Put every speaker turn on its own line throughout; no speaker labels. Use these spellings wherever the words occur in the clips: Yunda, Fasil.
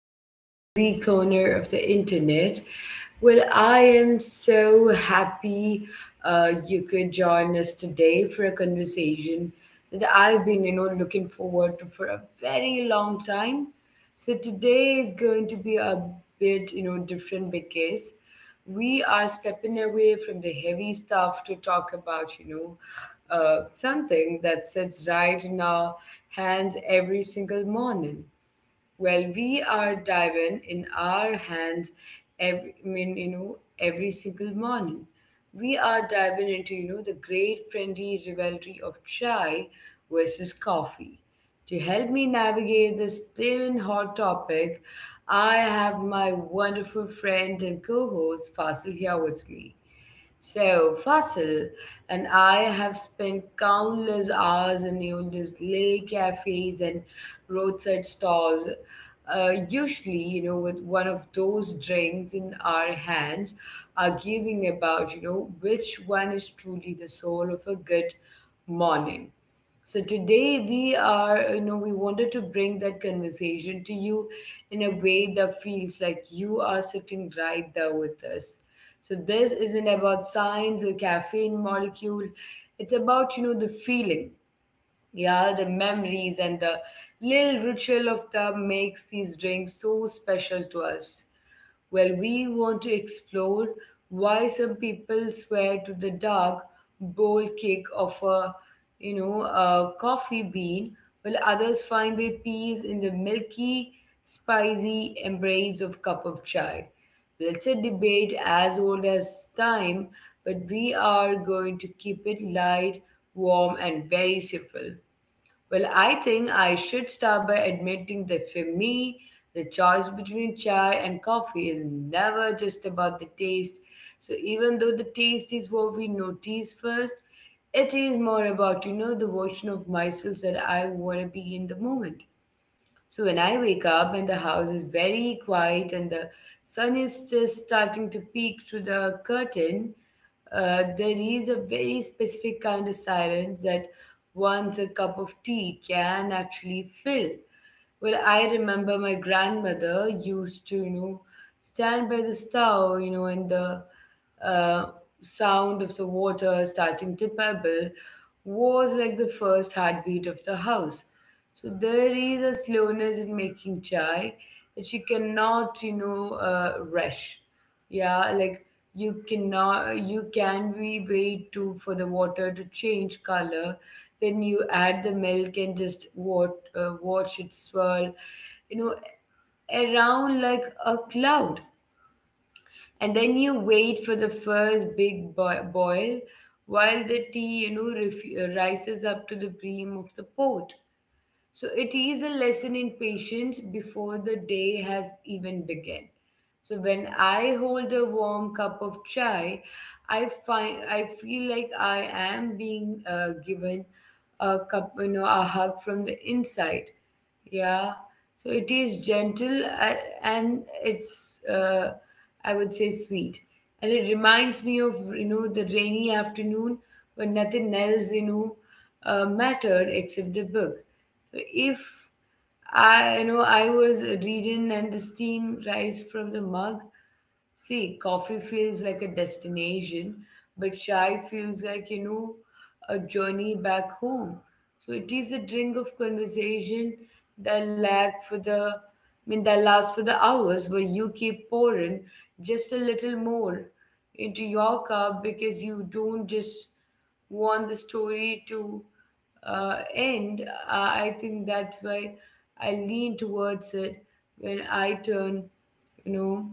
to our cozy corner of the internet. Well, I am so happy you could join us today for a conversation that I've been, you know, looking forward to for a very long time. So today is going to be a bit, you know, different because we are stepping away from the heavy stuff to talk about, something that sits right in our hands every single morning. Well, we are diving in our hands every every single morning. We are diving into, you know, the great friendly rivalry of chai versus coffee. To help me navigate this steaming hot topic, I have my wonderful friend and co-host Fasil here with me. So, Fasil and I have spent countless hours in Yunda's little cafes and roadside stalls, usually, you know, with one of those drinks in our hands, arguing about, you know, which one is truly the soul of a good morning. So today we are, we wanted to bring that conversation to you in a way that feels like you are sitting right there with us. So this isn't about science or caffeine molecule. It's about, you know, the feeling. Yeah, the memories and the little ritual of them makes these drinks so special to us. Well, we want to explore why some people swear to the dark, bold kick of a coffee bean, while others find their peace in the milky, spicy embrace of cup of chai. Well, it's a debate as old as time, but we are going to keep it light, warm, and very simple. Well, I think I should start by admitting that for me, the choice between chai and coffee is never just about the taste. So even though the taste is what we notice first, it is more about, you know, the version of myself that I want to be in the moment. So when I wake up and the house is very quiet and the sun is just starting to peek through the curtain, there is a very specific kind of silence that once a cup of tea can actually fill. Well, I remember my grandmother used to, you know, stand by the stove, you know, and the uh, sound of the water starting to bubble was like the first heartbeat of the house. So there is a slowness in making chai that you cannot, rush. Yeah, like you cannot, you can be wait to for the water to change color. Then you add the milk and just watch it swirl, you know, around like a cloud, and then you wait for the first big boil while the tea, you know, rises up to the brim of the pot. So it is a lesson in patience before the day has even begun. So when I hold a warm cup of chai, I find I feel like I am being given a cup, you know, a hug from the inside. Yeah, so it is gentle and it's, I would say, sweet. And it reminds me of, you know, the rainy afternoon when nothing else, mattered except the book. So if I, you know, I was reading and the steam rise from the mug, see, coffee feels like a destination, but chai feels like, you know, a journey back home. So it is a drink of conversation that lag for the, I mean, that will last for the hours where you keep pouring just a little more into your cup because you don't just want the story to end. I think that's why I lean towards it when I turn, you know,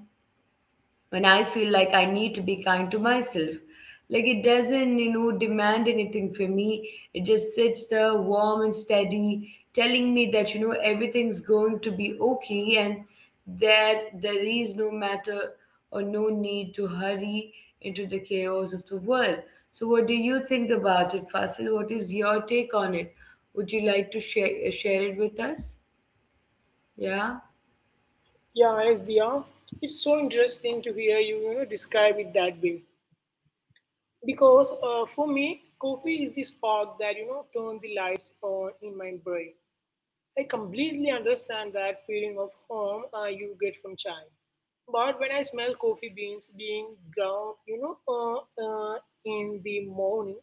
when I feel like I need to be kind to myself. Like it doesn't, you know, demand anything for me. It just sits there warm and steady, telling me that, you know, everything's going to be okay and that there is no matter or no need to hurry into the chaos of the world. So what do you think about it, Fasil? What is your take on it? Would you like to share it with us? Yeah.
Yeah, yes, Diya. It's so interesting to hear you, describe it that way. Because for me, coffee is the spark that, turned the lights on in my brain. I completely understand that feeling of home you get from chai. But when I smell coffee beans being ground, uh, in the morning,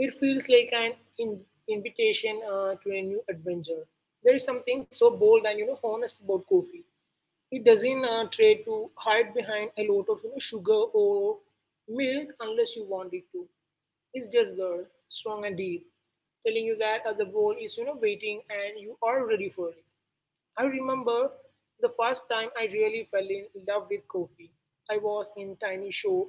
it feels like an invitation to a new adventure. There is something so bold and, honest about coffee. It doesn't try to hide behind a lot of sugar or milk unless you want it to. It's just there, strong and deep, telling you that the bowl is waiting and you are ready for it. I remember the first time I really fell in love with coffee. I was in tiny shop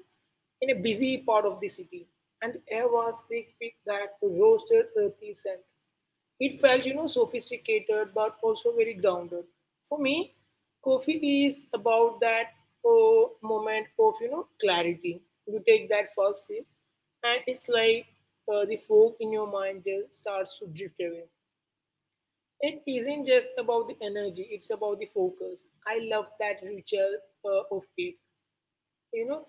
in a busy part of the city, and the air was thick with that roasted earthy scent. It felt, sophisticated but also very grounded. For me, coffee is about that oh, moment of, clarity. You take that first sip, and it's like the fog in your mind just starts to drift away. It isn't just about the energy, it's about the focus. I love that ritual of it you know,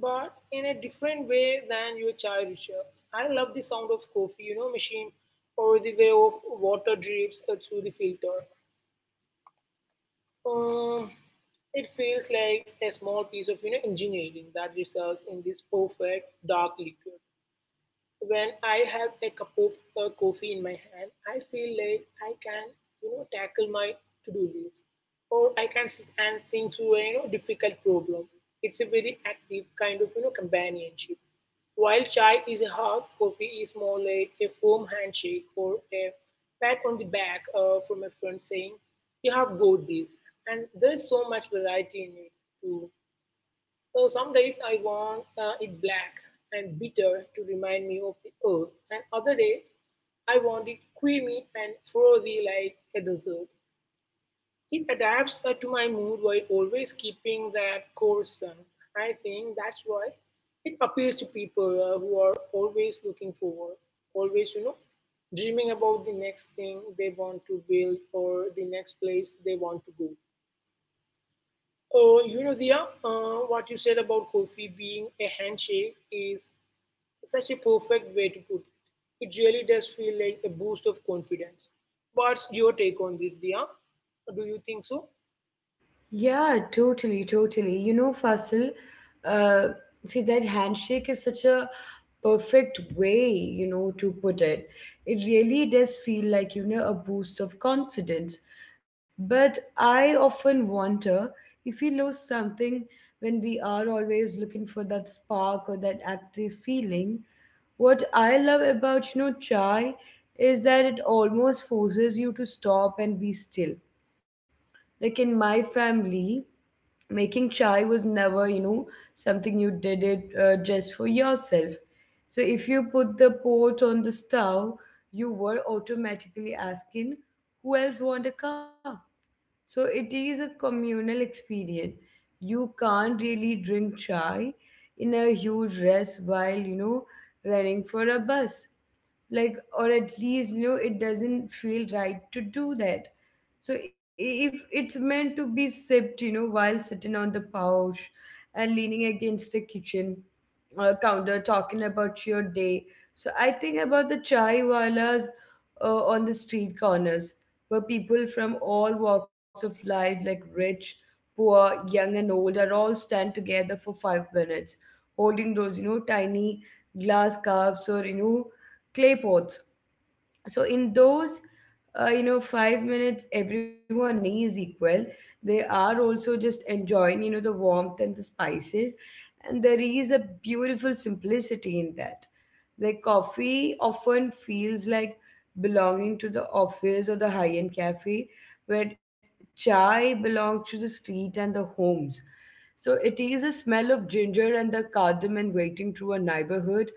but in a different way than your childhood shirts. I love the sound of coffee, machine or the way of water drips through the filter. Um, it feels like a small piece of engineering that results in this perfect dark liquid. When I have a cup of coffee in my hand, I feel like I can, tackle my to-do list, or I can sit and think through a difficult problem. It's a very active kind of companionship. While chai is a hug, coffee is more like a firm handshake or a pat on the back from a friend saying, "You have got this." And there's so much variety in it too. So some days I want it black and bitter to remind me of the earth, and other days I want it creamy and frothy like a dessert. It adapts to my mood while always keeping that core sun. I think that's why it appeals to people who are always looking forward, always, dreaming about the next thing they want to build or the next place they want to go. Oh, Dia, what you said about coffee being a handshake is such a perfect way to put it. It really does feel like a boost of confidence. What's your take on this, Dia? Do you think so?
Yeah, totally, totally. You know, Fasil, uh, see that handshake is such a perfect way, you know, to put it. It really does feel like, you know, a boost of confidence. But I often wonder if we lose something when we are always looking for that spark or that active feeling. What I love about, you know, chai is that it almost forces you to stop and be still. Like in my family, making chai was never, you know, something you did it just for yourself. So if you put the pot on the stove, you were automatically asking who else want a cup. So it is a communal experience. You can't really drink chai in a huge rush while, you know, running for a bus. Like, or at least, you know, it doesn't feel right to do that. So if it's meant to be sipped, you know, while sitting on the couch and leaning against the kitchen, counter talking about your day. So I think about the chai walas on the street corners, where people from all walks of life, like rich, poor, young, and old, are all stand together for 5 minutes, holding those, you know, tiny glass cups or, you know, clay pots. So in those, you know, 5 minutes everyone is equal. They are also just enjoying, you know, the warmth and the spices, and there is a beautiful simplicity in that. Like coffee often feels like belonging to the office or the high-end cafe, where chai belongs to the street and the homes. So it is a smell of ginger and the cardamom waiting through a neighborhood.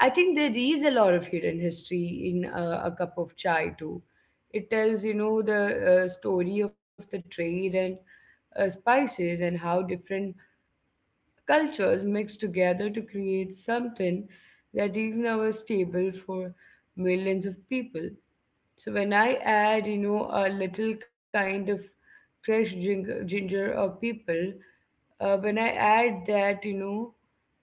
I think there is a lot of hidden history in a cup of chai too. It tells, you know, the story of the trade and spices and how different cultures mixed together to create something that is now stable for millions of people. So when I add, you know, a little kind of crushed ginger or people, when I add that, you know,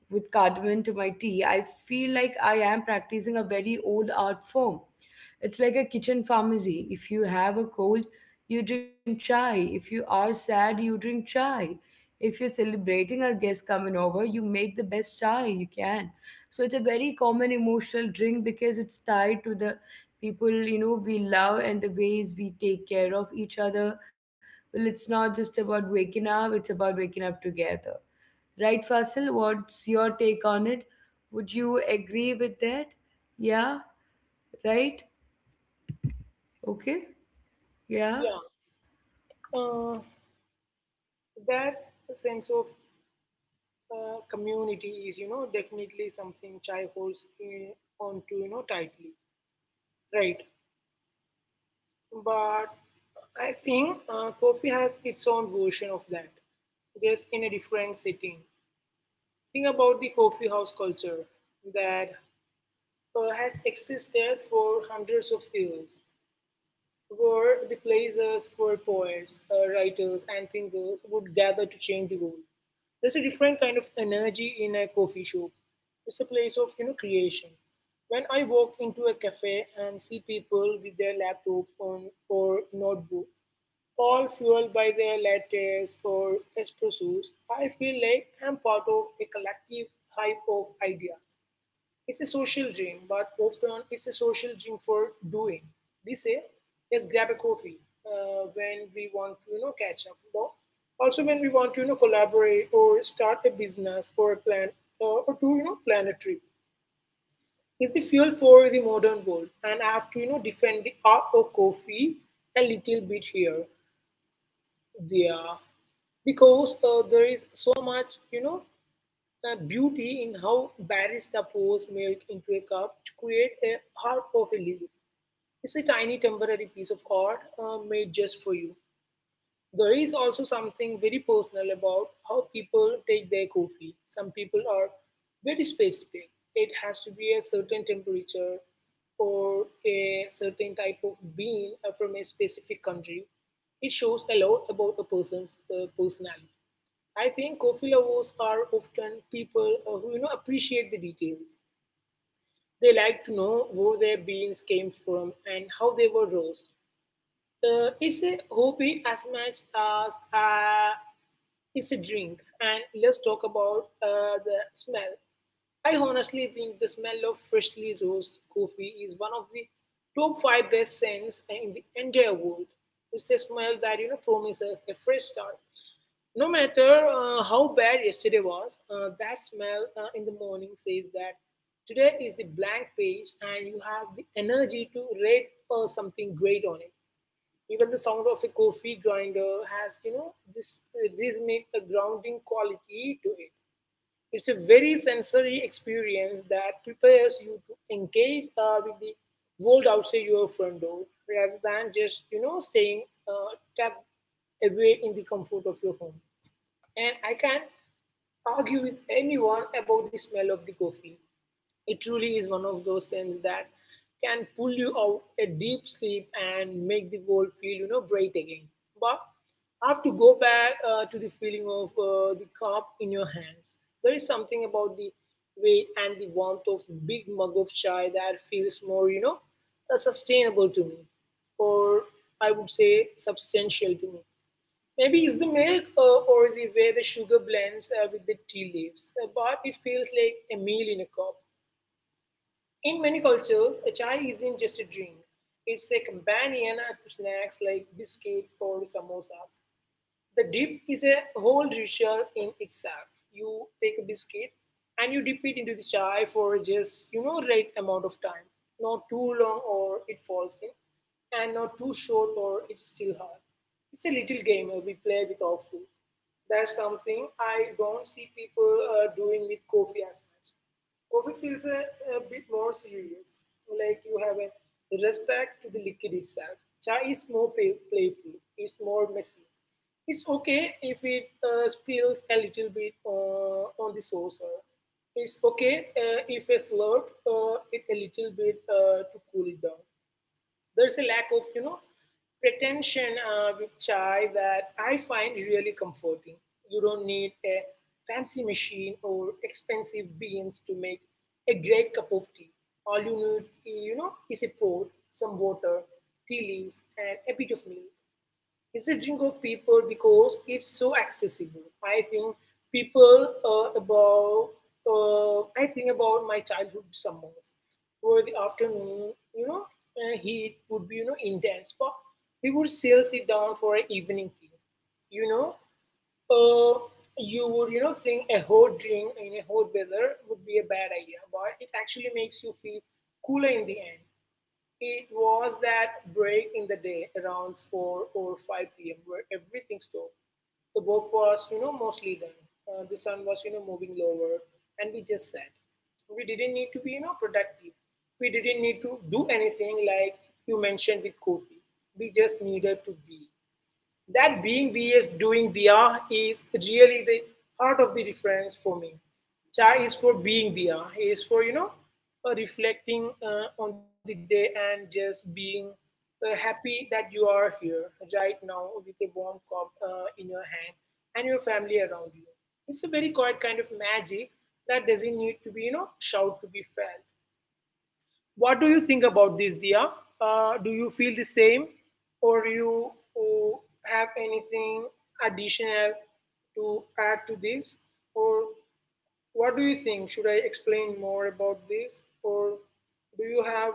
with cardamom to my tea, I feel like I am practicing a very old art form. It's like a kitchen pharmacy. If you have a cold, you drink chai. If you are sad, you drink chai. If you're celebrating a guest coming over, you make the best chai you can. So it's a very common emotional drink because it's tied to the people, you know, we love and the ways we take care of each other. Well, it's not just about waking up; it's about waking up together, right, Fasil? What's your take on it? Would you agree with that? Yeah, right? Okay, yeah,
Yeah. Uh, that sense of community is, definitely something Chai holds onto, tightly. Right. But I think coffee has its own version of that, just in a different setting. Think about the coffee house culture that has existed for hundreds of years, were the places where poets, writers, and thinkers would gather to change the world. There's a different kind of energy in a coffee shop. It's a place of creation. When I walk into a cafe and see people with their laptop on or notebooks, all fueled by their lattes or espressos, I feel like I'm part of a collective hive of ideas. It's a social drink, but often it's a social drink for doing. We say, let's grab a coffee when we want to, catch up. But also when we want to, collaborate or start a business or a plan or to, plan a trip. It's the fuel for the modern world, and I have to, defend the art of coffee a little bit here, there, because there is so much, the beauty in how barista pours milk into a cup to create a heart of a leaf. It's a tiny temporary piece of art made just for you. There is also something very personal about how people take their coffee. Some people are very specific. It has to be a certain temperature or a certain type of bean from a specific country. It shows a lot about a person's personality. I think coffee lovers are often people who appreciate the details. They like to know where their beans came from and how they were roasted. It's a hobby as much as it's a drink. And let's talk about the smell. I honestly think the smell of freshly roasted coffee is one of the top five best scents in the entire world. It's a smell that promises a fresh start. No matter how bad yesterday was, that smell in the morning says that today is the blank page and you have the energy to write something great on it. Even the sound of a coffee grinder has, this rhythmic grounding quality to it. It's a very sensory experience that prepares you to engage with the world outside your front door rather than just, staying tucked away in the comfort of your home. And I can argue with anyone about the smell of the coffee. It truly is one of those scents that can pull you out a deep sleep and make the world feel, bright again. But I have to go back to the feeling of the cup in your hands. There is something about the weight and the warmth of big mug of chai that feels more, sustainable to me, or I would say substantial to me. Maybe it's the milk or the way the sugar blends with the tea leaves, but it feels like a meal in a cup. In many cultures, a chai isn't just a drink, it's a companion to snacks like biscuits or samosas. The dip is a whole ritual in itself. You take a biscuit and you dip it into the chai for just, right amount of time. Not too long or it falls in, and not too short or it's still hard. It's a little game we play with our food. That's something I don't see people doing with coffee as much. Coffee feels a bit more serious, like you have a respect to the liquid itself. Chai is more playful, it's more messy. It's okay if it spills a little bit on the saucer. It's okay if I slurp it a little bit to cool it down. There's a lack of, pretension with chai that I find really comforting. You don't need a fancy machine or expensive beans to make a great cup of tea. All you need, is a pot, some water, tea leaves, and a bit of milk. It's the drink of people because it's so accessible. I think people about I think about my childhood summers where the afternoon, heat would be intense, but we would still sit down for an evening tea. You know, uh, you would think a hot drink in a hot weather would be a bad idea, but it actually makes you feel cooler in the end. It was that break in the day around 4 or 5 p.m. where everything stopped. The work was, mostly done. The sun was, moving lower, and we just sat. We didn't need to be, productive. We didn't need to do anything like you mentioned with coffee. We just needed to be. That being vs doing Diya is really the heart of the difference for me. Cha is for being Diya, is for, reflecting on the day and just being happy that you are here right now with a warm cup in your hand and your family around you. It's a very quiet kind of magic that doesn't need to be, shout to be felt. What do you think about this, Dia? Do you feel the same, or you uh, have anything additional to add to this, or what do you think? Should I explain more about this, or do you have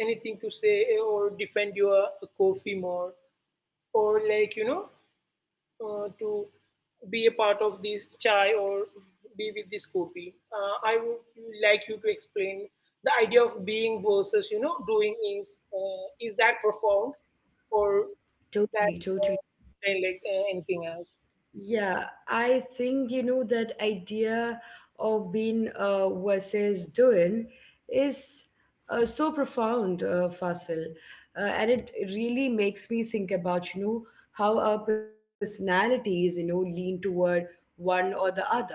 anything to say or defend your coffee more, or like to be a part of this chai or be with this kopi? I would like you to explain the idea of being versus doing is that profound or that
totally, totally.
anything else?
Yeah, I think, you know, that idea of being versus doing is so profound, Fasil, and it really makes me think about, you know, how our personalities, you know, lean toward one or the other.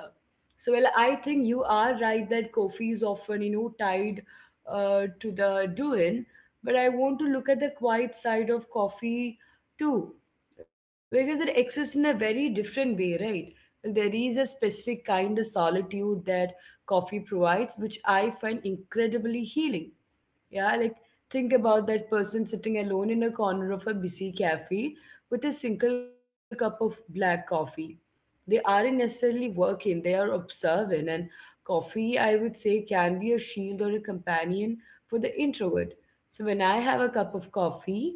So well, I think you are right that coffee is often, you know, tied to the doing, but I want to look at the quiet side of coffee too because it exists in a very different way, right? Like, there is a specific kind of solitude that coffee provides, which I find incredibly healing. Yeah, like think about that person sitting alone in a corner of a busy cafe with a single cup of black coffee. They aren't necessarily working, they are observing. And coffee, I would say, can be a shield or a companion for the introvert. So when I have a cup of coffee,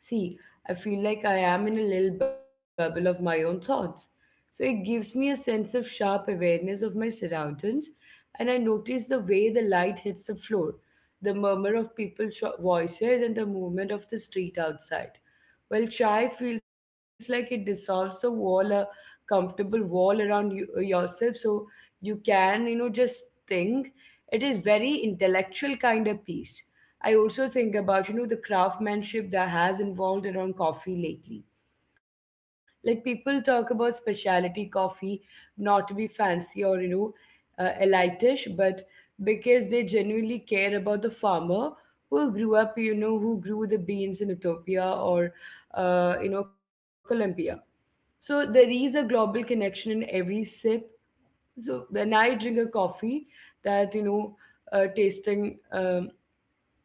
see, I feel like I am in a little bubble of my own thoughts. So it gives me a sense of sharp awareness of my surroundings, and I notice the way the light hits the floor, the murmur of people's voices, and the movement of the street outside. Well, chai feels like it dissolves the wall, a comfortable wall around you, yourself, so you can, you know, just think. It is very intellectual kind of peace. I also think about, you know, the craftsmanship that has involved around coffee lately. Like people talk about specialty coffee, not to be fancy or, elitish, but because they genuinely care about the farmer who grew up, you know, who grew the beans in Ethiopia or, you know, Colombia. So there is a global connection in every sip. So when I drink a coffee, that, you know, tasting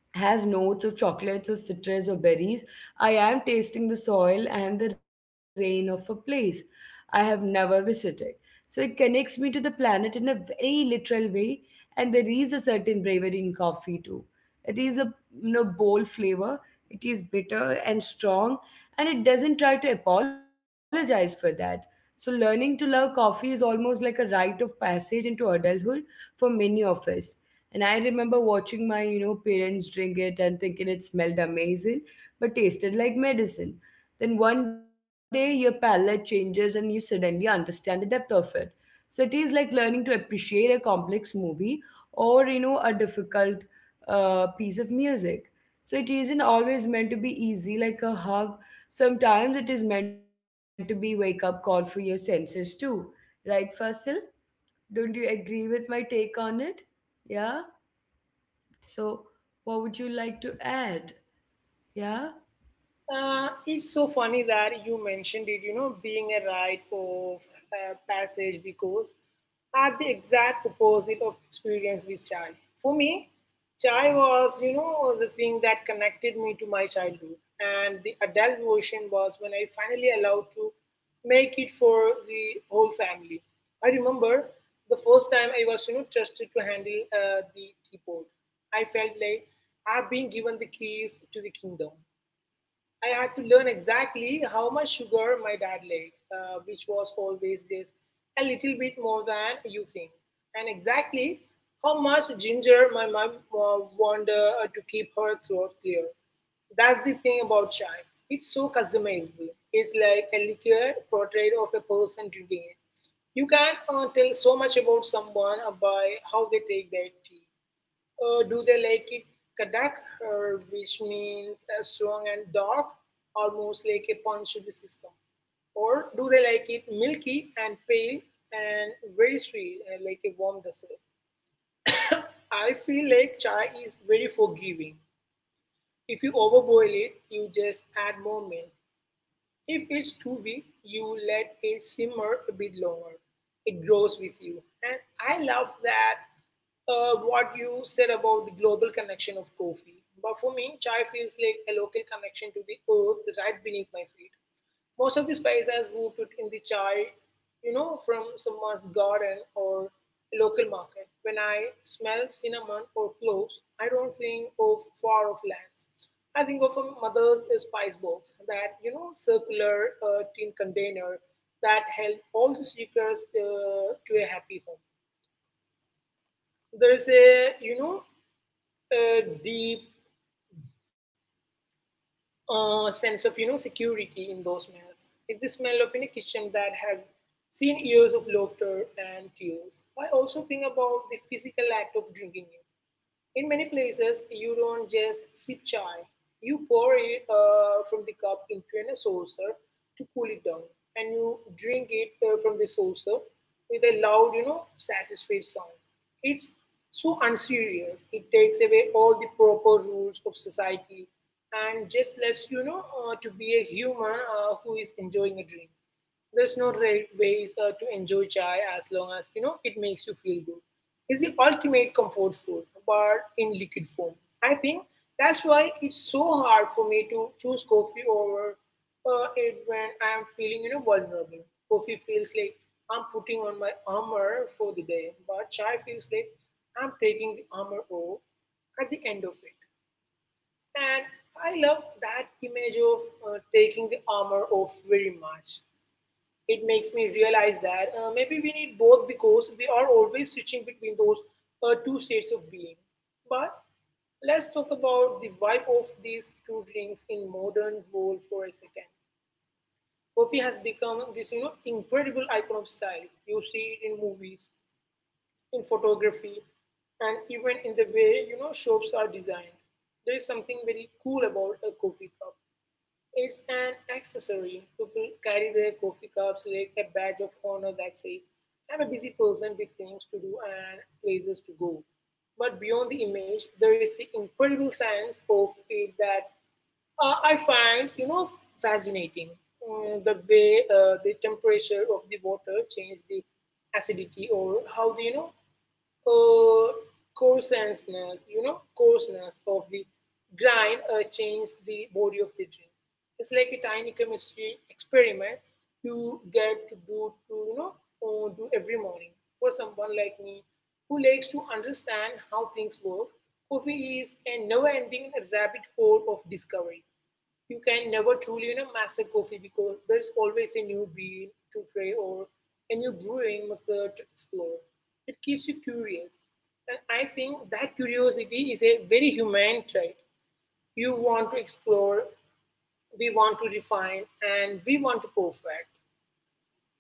has notes of chocolates or citrus or berries. I am tasting the soil and the rain of a place I have never visited. So it connects me to the planet in a very literal way, and there is a certain bravery in coffee too. It is a bold flavor, it is bitter and strong, and it doesn't try to apologize for that. So, learning to love coffee is almost like a rite of passage into adulthood for many of us. And I remember watching my parents drink it and thinking it smelled amazing, but tasted like medicine. Then one day your palate changes and you suddenly understand the depth of it. So it is like learning to appreciate a complex movie or a difficult piece of music. So it isn't always meant to be easy like a hug. Sometimes it is meant to be wake up call for your senses too. Right, Fasil? Don't you agree with my take on it? Yeah? So, what would you like to add? Yeah,
It's so funny that you mentioned it, being a rite of passage because at the exact opposite of experience with chai. For me, chai was, the thing that connected me to my childhood. And the adult version was when I finally allowed to make it for the whole family. I remember the first time I was, trusted to handle the teapot. I felt like I've been given the keys to the kingdom. I had to learn exactly how much sugar my dad liked, which was always just a little bit more than you think, and exactly how much ginger my mom wanted to keep her throat clear. That's the thing about chai. It's so customizable. It's like a liquor portrait of a person drinking it. You can tell so much about someone by how they take their tea. Do they like it kadak, which means strong and dark, almost like a punch to the system? Or do they like it milky and pale and very sweet, like a warm dessert? I feel like chai is very forgiving. If you overboil it, you just add more milk. If it's too weak, you let it simmer a bit longer. It grows with you. And I love that what you said about the global connection of coffee. But for me, chai feels like a local connection to the earth right beneath my feet. Most of the spices we put in the chai, from someone's garden or local market. When I smell cinnamon or cloves, I don't think of far off lands. I think of a mother's spice box, that, circular tin container that held all the secrets to a happy home. There is a, a deep sense of security in those smells. It's the smell of in a kitchen that has seen years of laughter and tears. I also think about the physical act of drinking it. In many places, you don't just sip chai. You pour it from the cup into a saucer to cool it down, and you drink it from the saucer with a loud, satisfied sound. It's so unserious. It takes away all the proper rules of society and just lets you know to be a human who is enjoying a drink. There's no right ways to enjoy chai as long as you know it makes you feel good. It's the ultimate comfort food, but in liquid form. I think that's why it's so hard for me to choose coffee over it when I'm feeling vulnerable. Coffee feels like I'm putting on my armor for the day, but chai feels like I'm taking the armor off at the end of it. And I love that image of taking the armor off very much. It makes me realize that maybe we need both because we are always switching between those two states of being. But let's talk about the vibe of these two drinks in modern world for a second. Coffee has become this, incredible icon of style. You see it in movies, in photography, and even in the way shops are designed. There is something very cool about a coffee cup. It's an accessory. People carry their coffee cups like a badge of honor that says, I'm a busy person with things to do and places to go. But beyond the image, there is the incredible science of it that I find, fascinating. The way the temperature of the water changes the acidity or how, the, uh, coarseness, coarseness of the grind change the body of the drink. It's like a tiny chemistry experiment you get to do to do every morning. For someone like me who likes to understand how things work, coffee is a never-ending rabbit hole of discovery. You can never truly master coffee because there's always a new bean to try or a new brewing method to explore. It keeps you curious, and I think that curiosity is a very human trait. You want to explore, we want to refine, and we want to perfect.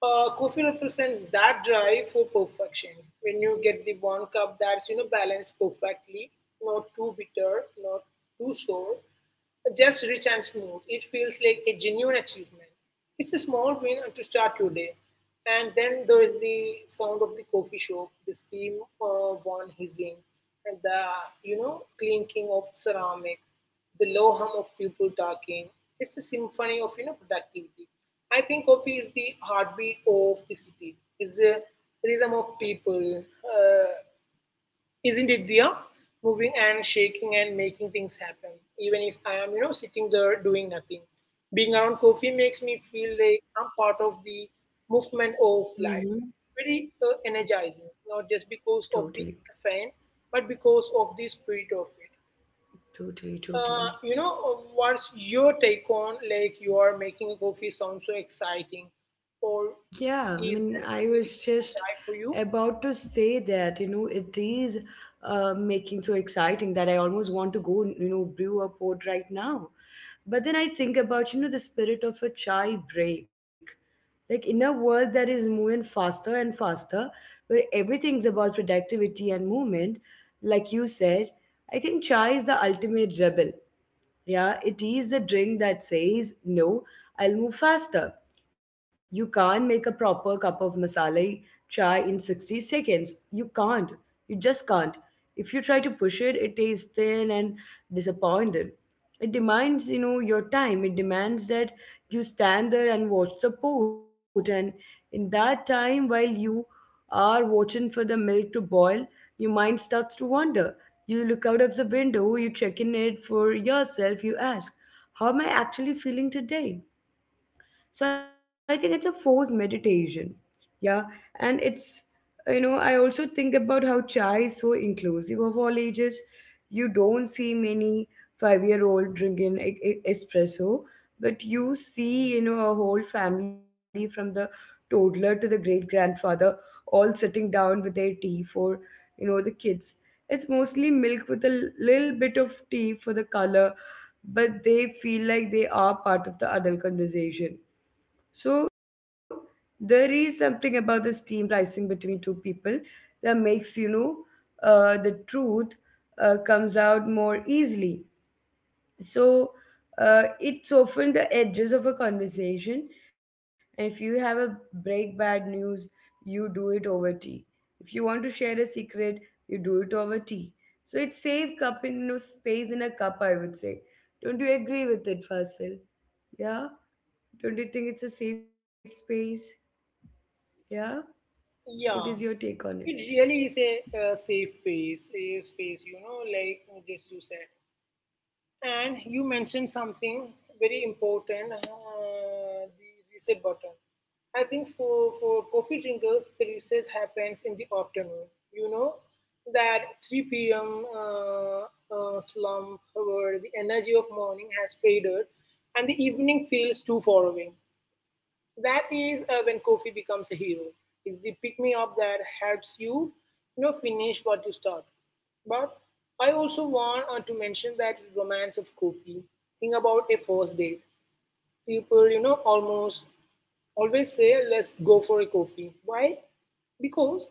Coffee represents that drive for perfection. When you get the one cup that's balanced perfectly, not too bitter, not too sour, just rich and smooth. It feels like a genuine achievement. It's a small win to start your day. And then there is the sound of the coffee shop, the steam one hissing, and the clinking of ceramic, the low hum of people talking. It's a symphony of productivity. I think coffee is the heartbeat of the city. It's the rhythm of people, uh, isn't it, Dia? Moving and shaking and making things happen, even if I am, sitting there doing nothing. Being around coffee makes me feel like I'm part of the movement of
hmm,
life. Very energizing, not just because of the
totally,
caffeine, but because of the spirit of it.
totally, totally.
What's your take on like you are making a coffee sound so exciting, or
Yeah, I
is
mean,
that
I
the
was
thing
just
try for you?
about to say that it is making so exciting that I almost want to go brew a port right now. But then I think about the spirit of a chai break. Like in a world that is moving faster and faster, where everything's about productivity and movement, like you said, I think chai is the ultimate rebel. Yeah, it is the drink that says, no, I'll move faster. You can't make a proper cup of masala chai in 60 seconds. You can't. You just can't. If you try to push it, it tastes thin and disappointed. It demands your time. It demands that you stand there and watch the pot, and in that time, while you are watching for the milk to boil, your mind starts to wander. You look out of the window, you check in it for yourself, you ask, how am I actually feeling today? So I think it's a forced meditation. Yeah. And I also think about how chai is so inclusive of all ages. You don't see many 5-year old drinking espresso, but you see a whole family from the toddler to the great grandfather all sitting down with their tea for the kids. It's mostly milk with a little bit of tea for the color, but they feel like they are part of the adult conversation. So there is something about the steam rising between two people that makes the truth comes out more easily. So it's often the edges of a conversation, and if you have a break bad news, you do it over tea. If you want to share a secret, you do it over tea. So it's save cup in no space in a cup, I would say. Don't you agree with it, Fasil? Yeah? Don't you think it's a safe space? Yeah, what is your
Yeah.
take on it?
It really is a, uh, safe space, a space, like just you said. And you mentioned something very important, the reset button. I think for coffee drinkers, the reset happens in the afternoon. You know, that 3 p.m. Slump where the energy of morning has faded and the evening feels too far away. That is when coffee becomes a hero. It's the pick me up that helps you, finish what you start. But I also want to mention that romance of coffee. Think about a first date. People, almost always say, let's go for a coffee. Why? Because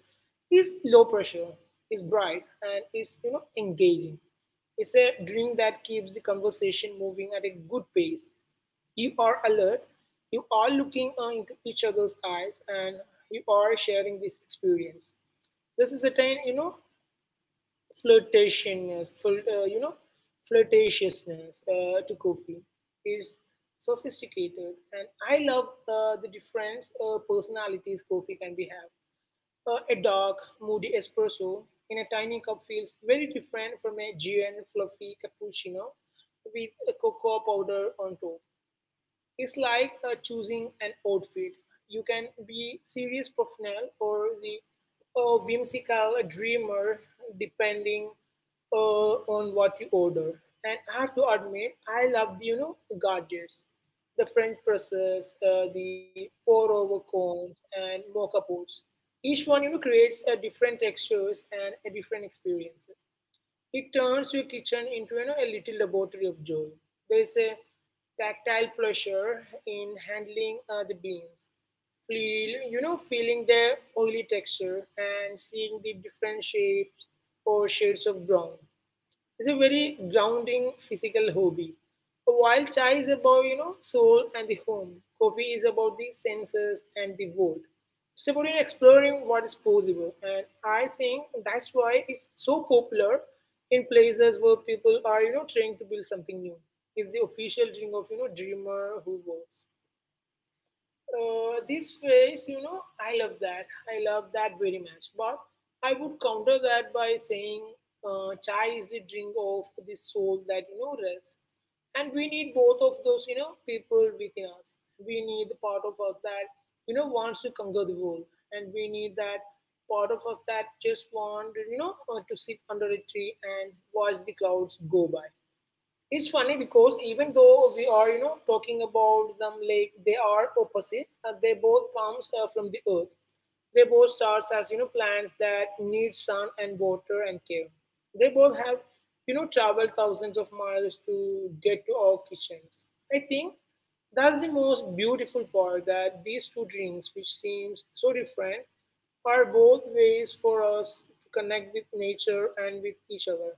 it's low pressure, it's bright, and it's, engaging. It's a drink that keeps the conversation moving at a good pace. You are alert, you are looking into each other's eyes, and you are sharing this experience. This is a time, you know, flirtatiousness, fl- you know, flirtatiousness to Kofi is sophisticated, and I love the different personalities Kofi can be have. A dark, moody espresso in a tiny cup feels very different from a GN fluffy cappuccino with a cocoa powder on top. It's like choosing an outfit. You can be serious professional or the whimsical dreamer, depending on what you order. And I have to admit, I love gadgets, the French presses, the pour-over combs, and mocha pots. Each one creates a different textures and a different experiences. It turns your kitchen into a little laboratory of joy. There is a tactile pleasure in handling the beans, feeling their oily texture and seeing the different shapes or shades of brown. It's a very grounding physical hobby. While chai is about, soul and the home, coffee is about the senses and the world. It's about exploring what is possible. And I think that's why it's so popular in places where people are, trying to build something new. It's the official drink of, dreamer who works this phase, I love that. I love that very much. But I would counter that by saying chai is the drink of the soul that, rests. And we need both of those, people within us. We need the part of us that, wants to conquer the world. And we need that part of us that just want, to sit under a tree and watch the clouds go by. It's funny because even though we are, talking about them like they are opposite, they both comes from the earth. They both starts as, plants that need sun and water and care. They both have, traveled thousands of miles to get to our kitchens. I think that's the most beautiful part that these two drinks, which seems so different, are both ways for us to connect with nature and with each other.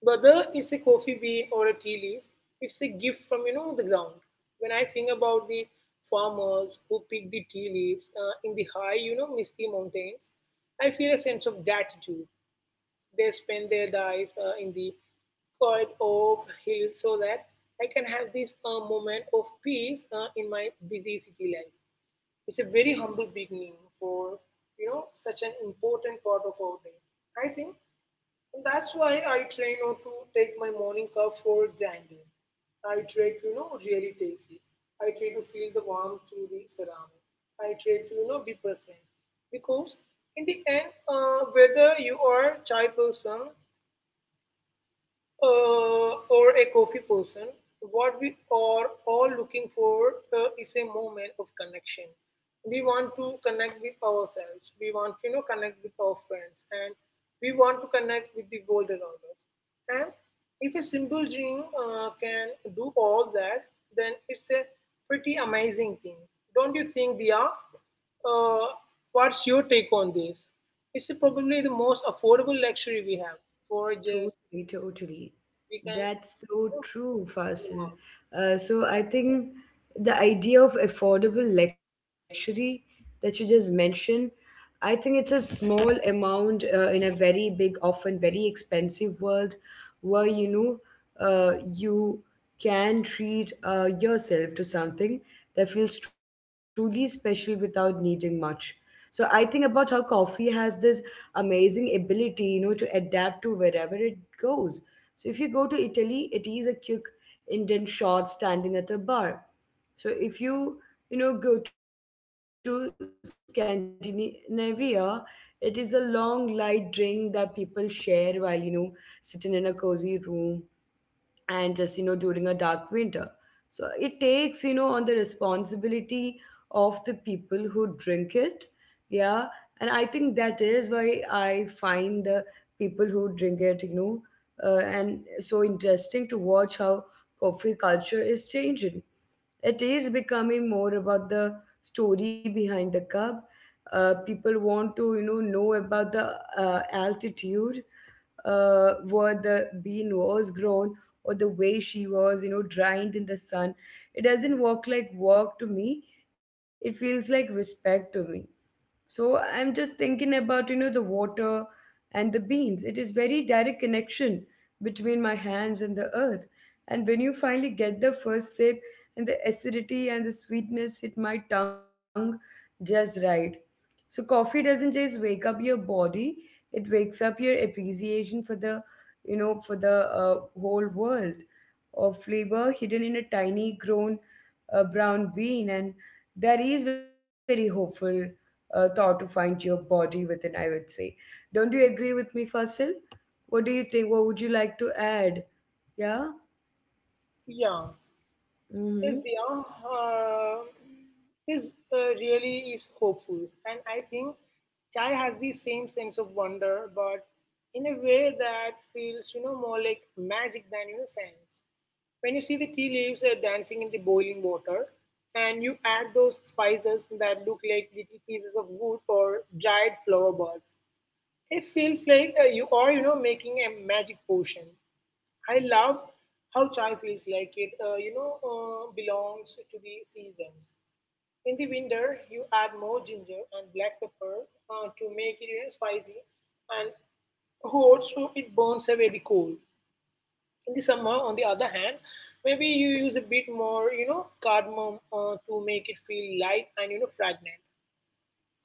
Whether it's a coffee bean or a tea leaf, it's a gift from the ground. When I think about the farmers who pick the tea leaves in the high, misty mountains, I feel a sense of gratitude. They spend their days in the quiet of hills so that I can have this moment of peace in my busy city life. It's a very humble beginning for such an important part of our day. I think that's why I try not to take my morning cup for granted. I try to, really taste it. I try to feel the warmth through the ceramic. I try to be present. Because in the end, whether you are a chai person or a coffee person, what we are all looking for is a moment of connection. We want to connect with ourselves. We want to connect with our friends, and we want to connect with the world around us. And if a simple dream can do all that, then it's a pretty amazing thing, don't you think, Dia? Uh, what's your take on this? It's probably the most affordable luxury we have for just
Totally, totally.
we can
That's
you know,
so true, Fasil.
Mickey
So I think the idea of affordable luxury that you just mentioned, I think it's a small amount in a very big, often very expensive world where you can treat yourself to something that feels truly special without needing much. So I think about how coffee has this amazing ability to adapt to wherever it goes. So if you go to Italy, it is a quick Indian shot standing at a bar. So if you go to Scandinavia, it is a long light drink that people share while sitting in a cozy room, and just during a dark winter. So it takes on the responsibility of the people who drink it. Yeah. And I think that is why I find the people who drink it and so interesting to watch how coffee culture is changing. It is becoming more about the story behind the cup. Uh, people want to know about the altitude where the bean was grown, or the way she was dried in the sun. It doesn't work like work to me. It feels like respect to me. So I'm just thinking about the water and the beans. It is very direct connection between my hands and the earth. And when you finally get the first sip, and the acidity and the sweetness hit my tongue just right. So coffee doesn't just wake up your body, it wakes up your appreciation for the for the whole world of flavor hidden in a tiny grown brown bean. And that is very hopeful thought to find your body within, I would say. Don't you agree with me, Fasil? What do you think? What would you like to add? Yeah?
Mouse. Yeah, is
Mm-hmm.
the uh, is really is hopeful, and I think Chai has the same sense of wonder, but in a way that feels more like magic than science. When you see the tea leaves dancing in the boiling water, and you add those spices that look like little pieces of wood or dried flower buds, it feels like you are making a magic potion. I love how chai feels like it belongs to the seasons. In the winter, you add more ginger and black pepper to make it spicy and hot, so it burns away the cold. In the summer, on the other hand, maybe you use a bit more cardamom to make it feel light and fragrant.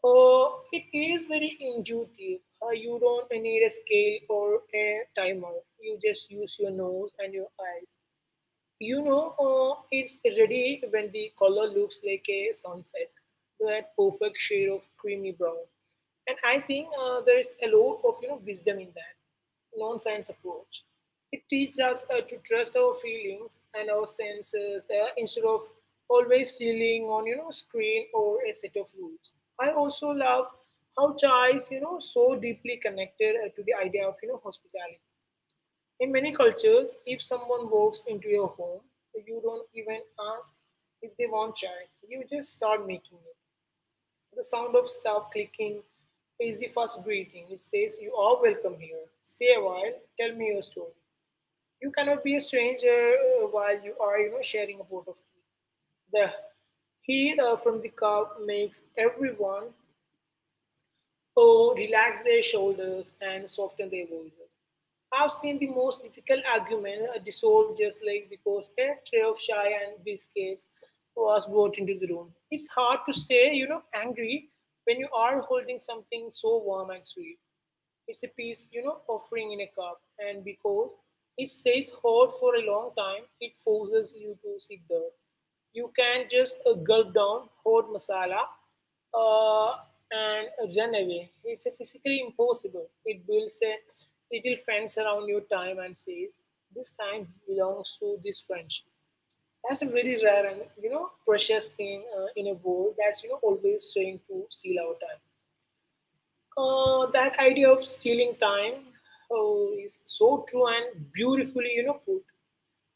It is very intuitive. You don't need a scale or a timer. You just use your nose and your eyes. It's ready when the color looks like a sunset, that perfect shade of creamy brown. And I think there is a lot of wisdom in that non-science approach. It teaches us to trust our feelings and our senses instead of always relying on screen or a set of rules. I also love how chai is so deeply connected to the idea of hospitality. In many cultures, if someone walks into your home, you don't even ask if they want chai. You just start making it. The sound of stuff clicking is the first greeting. It says, "You are welcome here. Stay a while, tell me your story." You cannot be a stranger while you are, sharing a pot of tea. The heat from the cup makes everyone, oh, relax their shoulders and soften their voices. I've seen the most difficult argument dissolved just like because a tray of chai and biscuits was brought into the room. It's hard to stay angry when you are holding something so warm and sweet. It's a piece offering in a cup. And because it stays hot for a long time, it forces you to sit there. You can just gulp down hot masala uh, and run away. It's physically impossible. It builds a little fence around your time and says, this time belongs to this friendship. That's a very rare and, precious thing in a world that's, always trying to steal our time. That idea of stealing time is so true and beautifully, put.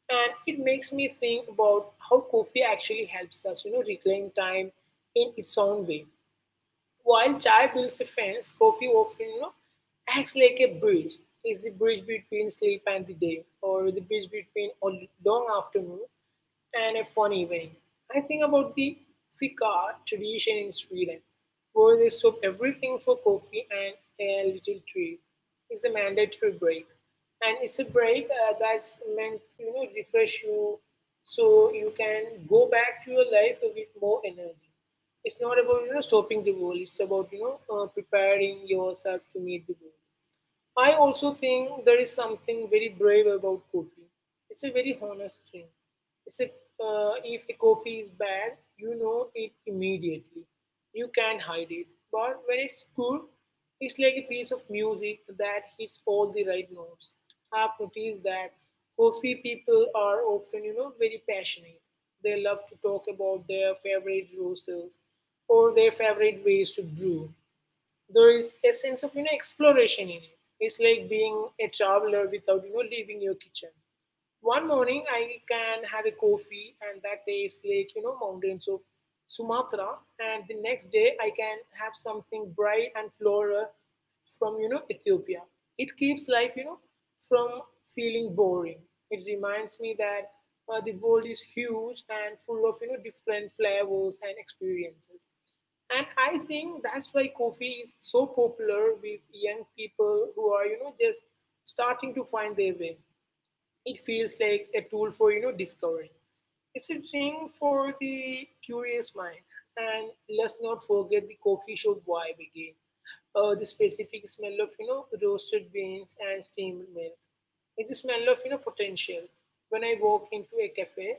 And it makes me think about how coffee actually helps us, reclaim time in its own way. While chai builds a fence, coffee often, acts like a bridge. It's the bridge between sleep and the day, or the bridge between a long afternoon and a fun evening. I think about the fika tradition in Sweden, where they stop everything for coffee and a little treat. It's a mandatory break. And it's a break that's meant to refresh you so you can go back to your life with more energy. It's not about stopping the world. It's about preparing yourself to meet the world. I also think there is something very brave about coffee. It's a very honest drink. It's a, if a coffee is bad, you know it immediately. You can hide it. But when it's good, it's like a piece of music that hits all the right notes. I've noticed that coffee people are often, very passionate. They love to talk about their favorite roasters or their favorite ways to brew. There is a sense of exploration in it. It's like being a traveler without leaving your kitchen. One morning I can have a coffee and that tastes like mountains of Sumatra, and the next day I can have something bright and floral from Ethiopia. It keeps life from feeling boring. It reminds me that the world is huge and full of different flavors and experiences. And I think that's why coffee is so popular with young people who are, just starting to find their way. It feels like a tool for, discovery. It's a thing for the curious mind. And let's not forget the coffee shop vibe again. The specific smell of, roasted beans and steamed milk. It's the smell of, potential. When I walk into a cafe,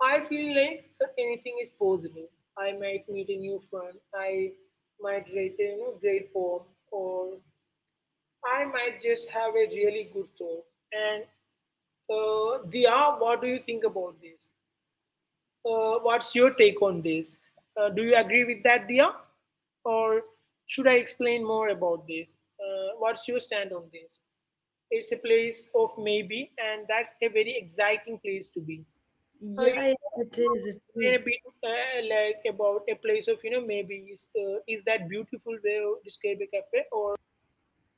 I feel like anything is possible. I might meet a new friend, I might write a great poem, or I might just have a really good thought. And Dia, what do you think about this? What's your take on this? Do you agree with that, Dia? Or should I explain more about this? What's your stand on this? It's a place of maybe, and that's a very exciting place to be. uh,
Yeah,
you
yeah, it is. It
explain
is.
a bit, like, about a place of maybe. Is that beautiful way of describe a cafe, or...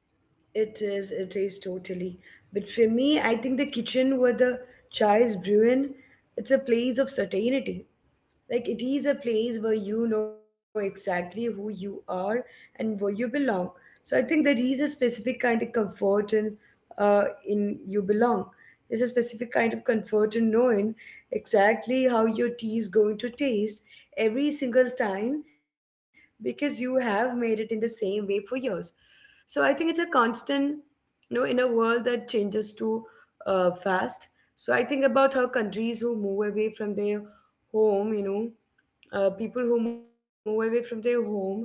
It is. It is totally. But for me, I think the kitchen where the chai is brewing, it's a place of certainty. Like it is a place where you know exactly who you are and where you belong. So I think there is a specific kind of comfort in you belong. There's a specific kind of comfort in knowing exactly how your tea is going to taste every single time, because you have made it in the same way for years. So I think it's a constant in a world that changes too fast. So I think about how countries who move away from their home, people who move away from their home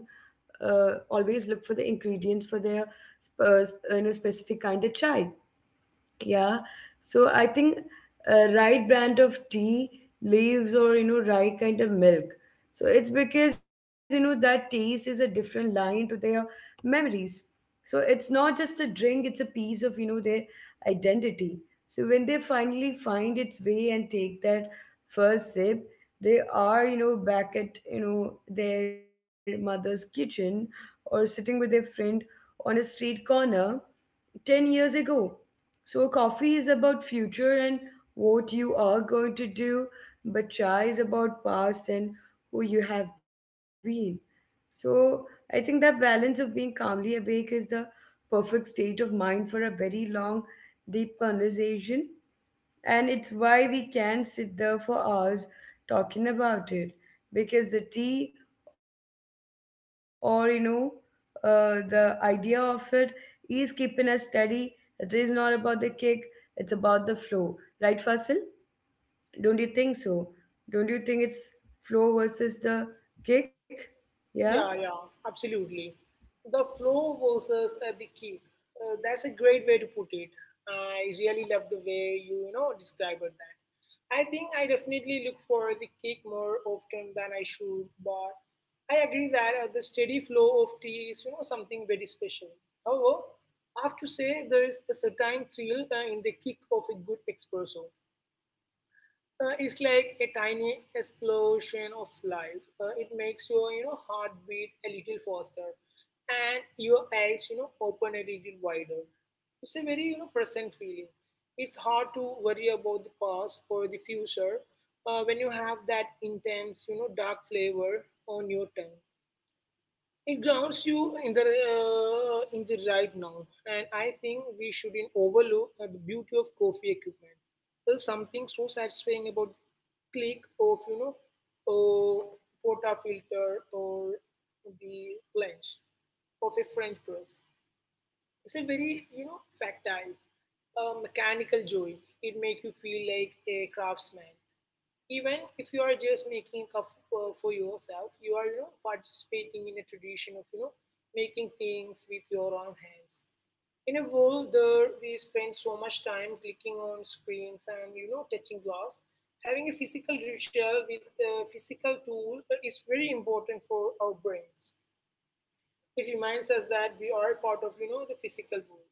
always look for the ingredients for their specific kind of chai. Yeah. So I think a right brand of tea, leaves, or, you know, right kind of milk. So it's because you know that taste is a different line to their memories. So it's not just a drink, it's a piece of their identity. So when they finally find its way and take that first sip, they are back at their mother's kitchen, or sitting with their friend on a street corner 10 years ago. So, coffee is about future and what you are going to do, but chai is about past and who you have been. So, I think that balance of being calmly awake is the perfect state of mind for a very long, deep conversation. And it's why we can't sit there for hours talking about it, because the tea, or the idea of it is keeping us steady. It is not about the kick, it's about the flow. Right, Fasil? Don't you think so? Don't you think it's flow versus the kick? Yeah?
Yeah, yeah, absolutely. The flow versus the kick. That's a great way to put it. I really love the way you, described that. I think I definitely look for the kick more often than I should, but I agree that the steady flow of tea is, something very special. However, I have to say there is a certain thrill in the kick of a good espresso is like a tiny explosion of life. It makes your heartbeat a little faster, and your eyes open a little wider. It's a very present feeling. It's hard to worry about the past or the future when you have that intense dark flavor on your tongue. It grounds you in the right now, and I think we shouldn't overlook the beauty of coffee equipment. There's something so satisfying about the click of a porta filter or the plunge of a French press. It's a very factile, mechanical joy. It makes you feel like a craftsman even if you are just making a cup for yourself. You are participating in a tradition of making things with your own hands. In a world where we spend so much time clicking on screens and touching glass, having a physical ritual with a physical tool is very important for our brains. It reminds us that we are part of the physical world.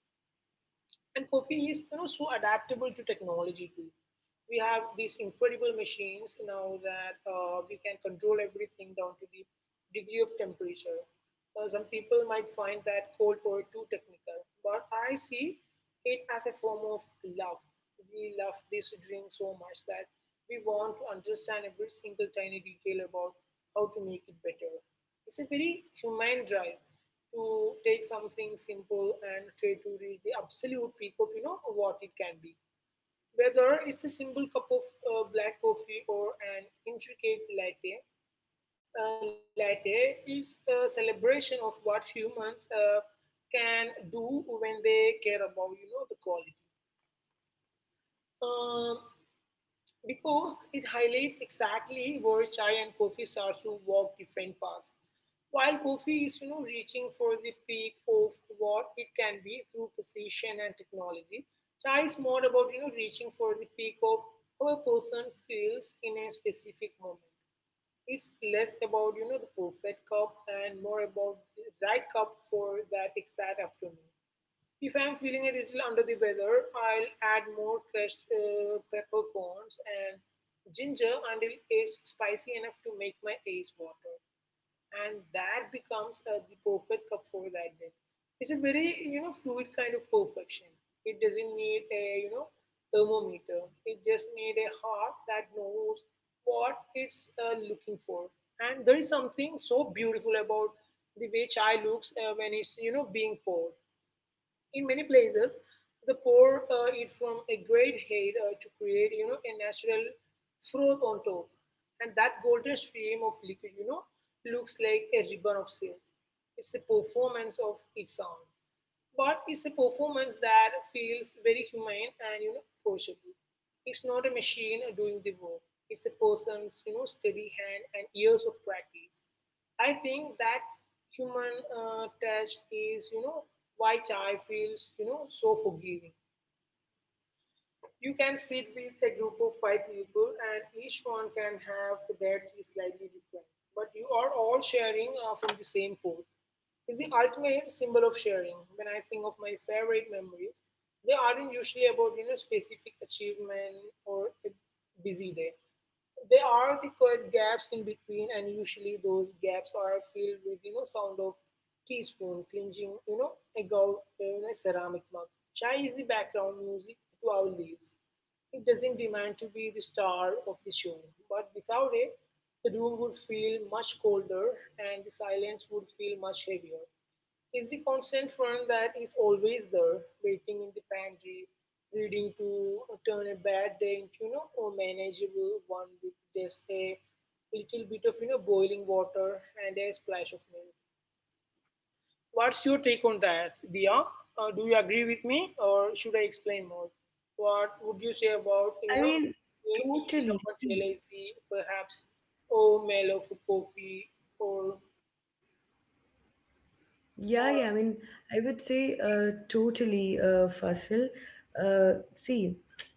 And coffee is so adaptable to technology too. We have these incredible machines now that we can control everything down to the degree of temperature. Some people might find that cold or too technical, but I see it as a form of love. We love this drink so much that we want to understand every single tiny detail about how to make it better. It's a very humane drive to take something simple and try to reach the absolute peak of what it can be, whether it's a simple cup of black coffee or an intricate latte. Latte is a celebration of what humans can do when they care about the quality. Um, because it highlights exactly where chai and coffee starts to walk different paths. While coffee is reaching for the peak of what it can be through precision and technology, chai is more about reaching for the peak of how a person feels in a specific moment. It's less about the perfect cup and more about the right cup for that exact afternoon. If I'm feeling a little under the weather, I'll add more crushed peppercorns and ginger until it's spicy enough to make my eyes water, and that becomes the perfect cup for that day. It's a very fluid kind of perfection. It doesn't need a thermometer. It just need a heart that knows what it's looking for. And there is something so beautiful about the way chai looks when it's being poured in many places, the pour it from a great height to create, a natural froth on top, and that golden stream of liquid, looks like a ribbon of silk. It's a performance of its own. But it's a performance that feels very humane and approachable. It's not a machine doing the work. It's a person's steady hand and years of practice. I think that human touch is why chai feels so forgiving. You can sit with a group of five people, and each one can have their tea slightly different, but you are all sharing from the same pot. It's the ultimate symbol of sharing. When I think of my favorite memories, they aren't usually about specific achievement or a busy day. There are the quiet gaps in between, and usually those gaps are filled with sound of teaspoon clinching a gold in a ceramic mug. Chai is the background music to our lives. It doesn't demand to be the star of the show, but without it the room would feel much colder and the silence would feel much heavier. Is the constant one that is always there, waiting in the pantry, reading to turn a bad day into a manageable one with just a little bit of boiling water and a splash of milk. What's your take on that, Dia? Do you agree with me, or should I explain more? What would you say about
I mean,
may- you
totally.
someone
See,
realize the perhaps oh mellow for coffee or
yeah, yeah. I
uh,
mean, I would say totally, Fasil. See,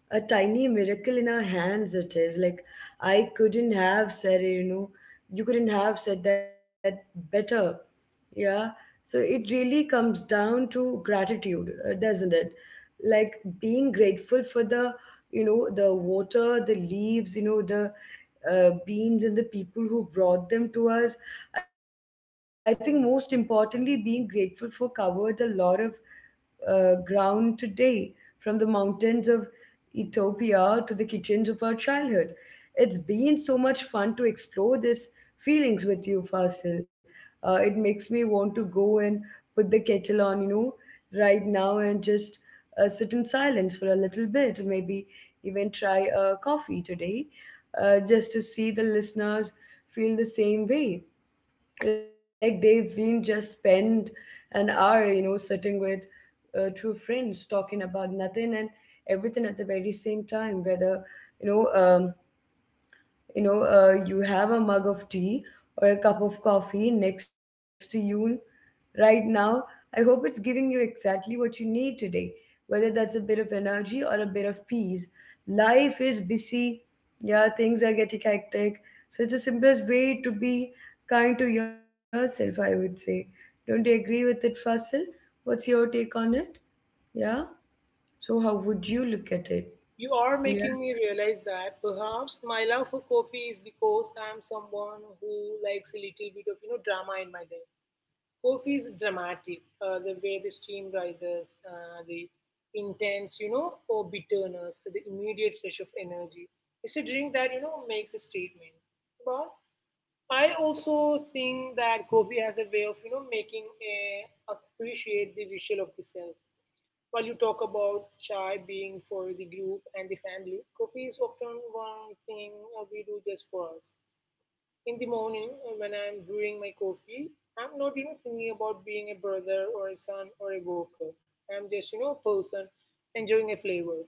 a tiny miracle in our hands it is. Like, I couldn't have said it you couldn't have said that better. Yeah. So it really comes down to gratitude, doesn't it? Like being grateful for the water, the leaves the beans and the people who brought them to us. I think most importantly, being grateful for covered a lot of ground today, from the mountains of Ethiopia to the kitchens of our childhood. It's been so much fun to explore these feelings with you, Fasil. It makes me want to go and put the kettle on right now, and just sit in silence for a little bit, maybe even try a coffee today, just to see the listeners feel the same way, like they didn't just spend an hour sitting with two friends talking about nothing and everything at the very same time, whether you know um, you have a mug of tea or a cup of coffee next to you right now. I hope it's giving you exactly what you need today, whether that's a bit of energy or a bit of peace. Life is busy, yeah, things are getting hectic. So it's the simplest way to be kind to yourself, I would say. Don't you agree with it, Fasil? What's your take on it? Yeah? So how would you look at it?
You are
Yeah.
making me realize that perhaps my love for coffee is because I'm someone who likes a little bit of drama in my day. Coffee is dramatic, the way the steam rises, the intense or bitterness, the immediate rush of energy. It's a drink that makes a statement. But I also think that coffee has a way of making us appreciate the visual of the self. While you talk about chai being for the group and the family, coffee is often one thing we do just for us. In the morning, when I'm brewing my coffee, I'm not thinking about being a brother or a son or a worker. I'm just a person enjoying a flavor.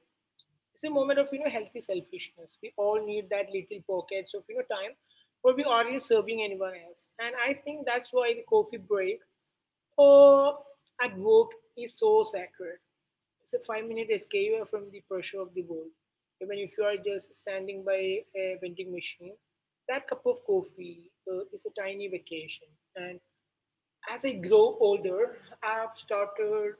It's a moment of healthy selfishness. We all need that little pockets of time where we aren't really serving anyone else. And I think that's why the coffee break or at work is so sacred. It's a 5-minute escape from the pressure of the world. Even if you are just standing by a vending machine, that cup of coffee is a tiny vacation. And as I grow older, I've started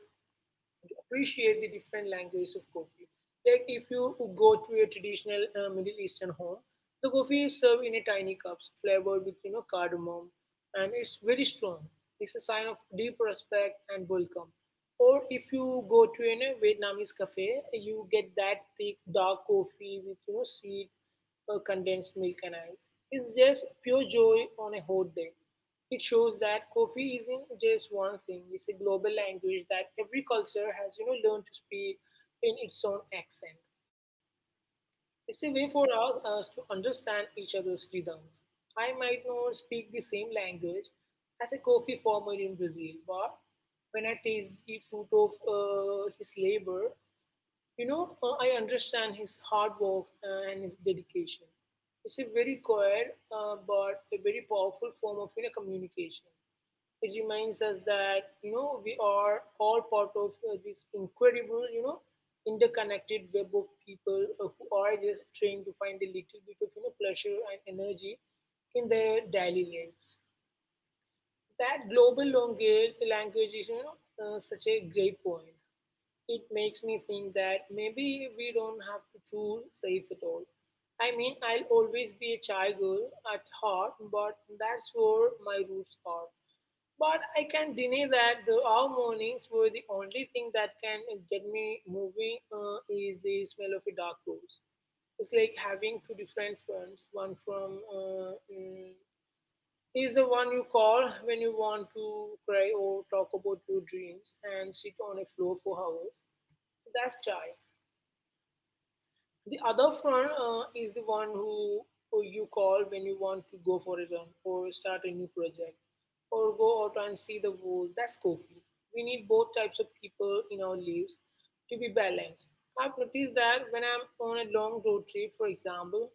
to appreciate the different languages of coffee. Like if you go to a traditional Middle Eastern home, the coffee is served in a tiny cups, flavored with cardamom, and it's very strong. It's a sign of deep respect and welcome. Or if you go to a Vietnamese cafe, you get that thick dark coffee with sweet condensed milk and ice. It's just pure joy on a hot day. It shows that coffee isn't just one thing. It's a global language that every culture has learned to speak in its own accent. It's a way for us to understand each other's rhythms. I might not speak the same language as a coffee farmer in Brazil, but when I taste the fruit of his labor, I understand his hard work and his dedication. It's a very quiet but a very powerful form of communication. It reminds us that we are all part of this incredible, interconnected web of people who are just trying to find a little bit of pleasure and energy in their daily lives. That global language is such a great point. It makes me think that maybe we don't have to choose sides at all. I mean, I'll always be a child girl at heart, but that's where my roots are. But I can't deny that the our mornings were the only thing that can get me moving is the smell of a dark rose. It's like having two different friends, one from he's the one you call when you want to cry or talk about your dreams and sit on a floor for hours. That's chai. The other front is the one who you call when you want to go for a run or start a new project or go out and see the world. That's coffee. We need both types of people in our lives to be balanced. I've noticed that when I'm on a long road trip, for example,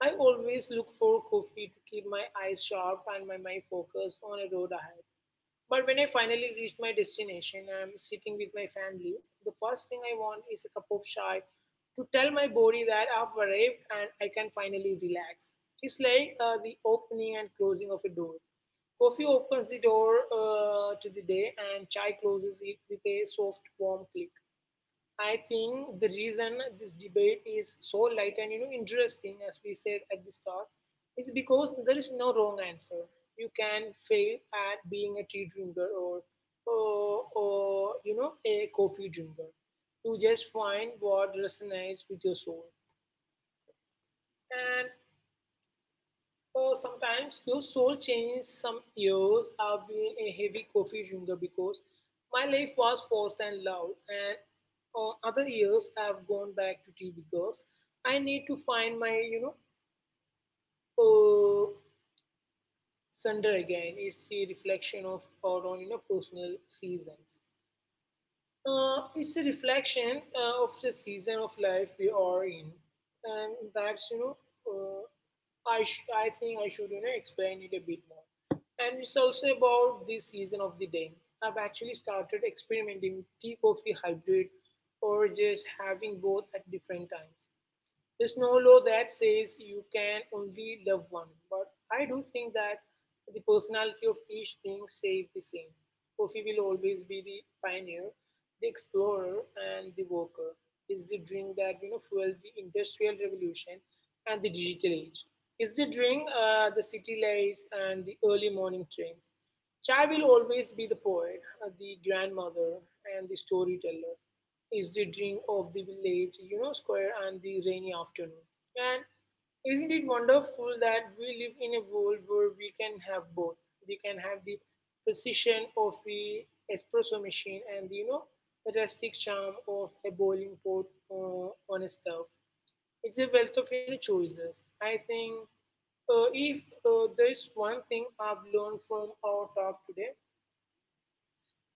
I always look for coffee to keep my eyes sharp and my mind focused on a road ahead. But when I finally reached my destination, I'm sitting with my family. The first thing I want is a cup of chai to tell my body that I've arrived and I can finally relax. It's like the opening and closing of a door. Coffee opens the door to the day, and chai closes it with a soft, warm click. I think the reason this debate is so light and interesting, as we said at the start, is because there is no wrong answer. You can fail at being a tea drinker or a coffee drinker. You just find what resonates with your soul, and sometimes your soul changes. Some years I've been a heavy coffee drinker because my life was fast and loud, and other years I've gone back to tea because I need to find my uh, center again. It's a reflection of our own personal seasons. It's a reflection of the season of life we are in, and that's uh, I think I should explain it a bit more. And it's also about this season of the day. I've actually started experimenting tea coffee hybrid, or just having both at different times. There's no law that says you can only love one, but I do think that the personality of each thing stays the same. Coffee will always be the pioneer, the explorer, and the worker. It's the drink that fueled the industrial revolution and the digital age. It's the drink the city lights and the early morning trains. Chai will always be the poet, the grandmother, and the storyteller. Is the dream of the village, square and the rainy afternoon. And isn't it wonderful that we live in a world where we can have both? We can have the precision of the espresso machine and the, the rustic charm of a boiling pot uh, on a stove. It's a wealth of choices. I think if there is one thing I've learned from our talk today,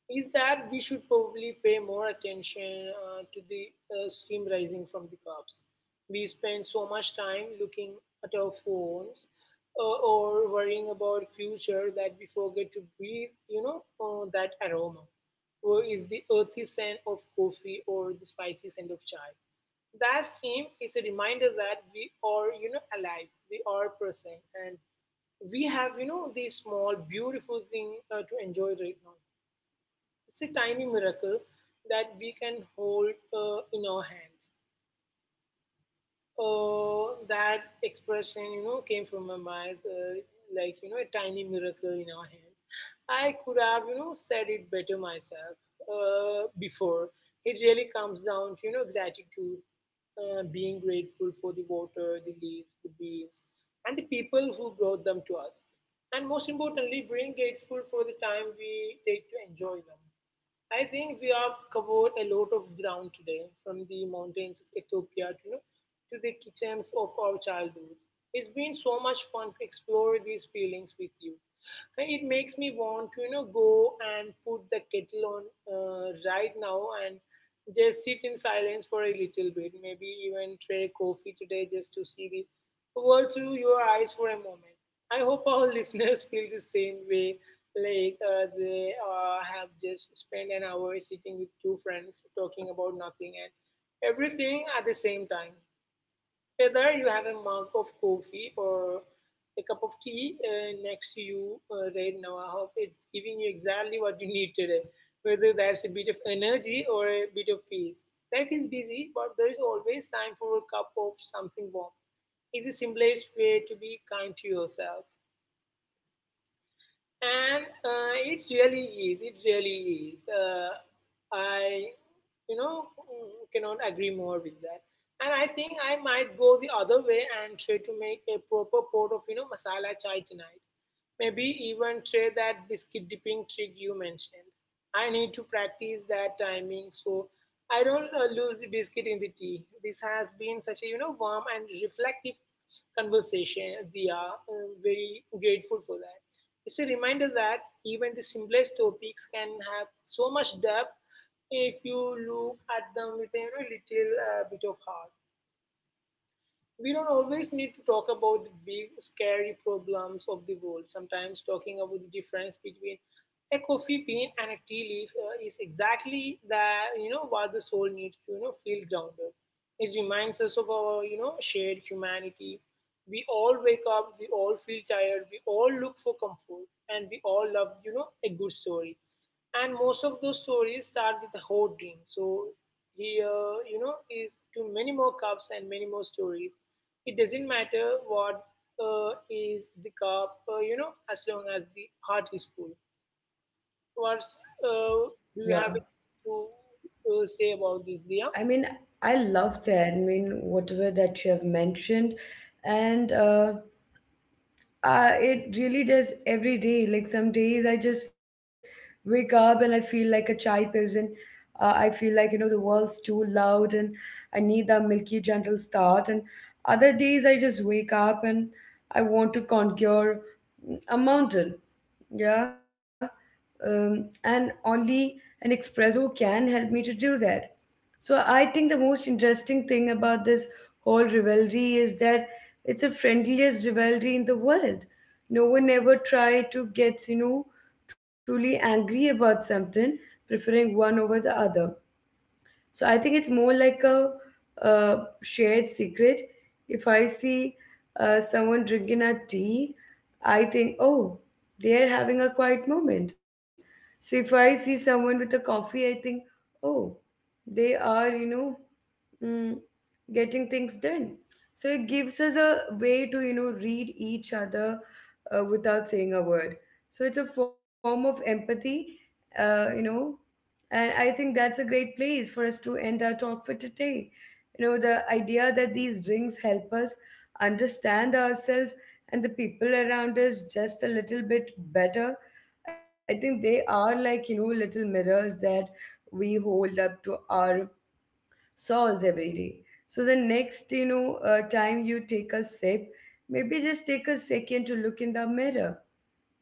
is that we should probably pay more attention to the steam rising from the cups. We spend so much time looking at our phones or worrying about future that we forget to breathe, that aroma. Or is the earthy scent of coffee or the spicy scent of chai. That steam is a reminder that we are, alive, we are present, and we have, this small, beautiful thing to enjoy right now. It's a tiny miracle that we can hold in our hands. Oh, that expression, came from my mind, a tiny miracle in our hands. I could have, said it better myself before. It really comes down to, gratitude, being grateful for the water, the leaves, the bees, and the people who brought them to us. And most importantly, being grateful for the time we take to enjoy them. I think we have covered a lot of ground today, from the mountains of Ethiopia to, to the kitchens of our childhood. It's been so much fun to explore these feelings with you. And it makes me want to, go and put the kettle on right now and just sit in silence for a little bit. Maybe even try coffee today just to see the world through your eyes for a moment. I hope our listeners feel the same way, like they have just spent an hour sitting with two friends talking about nothing and everything at the same time. Whether you have a mug of coffee or a cup of tea next to you right now, I hope it's giving you exactly what you need today. Whether that's a bit of energy or a bit of peace. Life is busy, but there is always time for a cup of something warm. It's the simplest way to be kind to yourself. And it really is. It really is. I, you know, mm, cannot agree more with that. And I think I might go the other way and try to make a proper pot of, masala chai tonight. Maybe even try that biscuit dipping trick you mentioned. I need to practice that timing so I don't lose the biscuit in the tea. This has been such a warm and reflective conversation. We are very grateful for that. It's a reminder that even the simplest topics can have so much depth if you look at them with a little bit of heart. We don't always need to talk about the big scary problems of the world. Sometimes talking about the difference between a coffee bean and a tea leaf is exactly that what the soul needs to feel grounded. It reminds us of our shared humanity. We all wake up, we all feel tired, we all look for comfort, and we all love a good story. And most of those stories start with a hot drink. So here is to many more cups and many more stories. It doesn't matter what is the cup, as long as the heart is full. What uh, do you have
Wow.
to say about this, Dia?
I mean, I love that. I mean, whatever that you have mentioned, and it really does every day. Like some days, I just wake up and I feel like a shy person. I feel like the world's too loud, and I need that milky, gentle start. And other days, I just wake up and I want to conquer a mountain. Yeah. And only an espresso can help me to do that. So I think the most interesting thing about this whole rivalry is that it's the friendliest rivalry in the world. No one ever tried to get truly angry about something, preferring one over the other. So I think it's more like a shared secret. If I see someone drinking a tea, I think, oh, they are having a quiet moment. So if I see someone with a coffee, I think, oh, they aremm, getting things done. So it gives us a way to read each other without saying a word. So it's a form of empathy, uh, you know, and I think that's a great place for us to end our talk for today. The idea that these rings help us understand ourselves and the people around us just a little bit better. I think they are like little mirrors that we hold up to our salts every day. So the next time you take a sip, maybe just take a second to look in the mirror.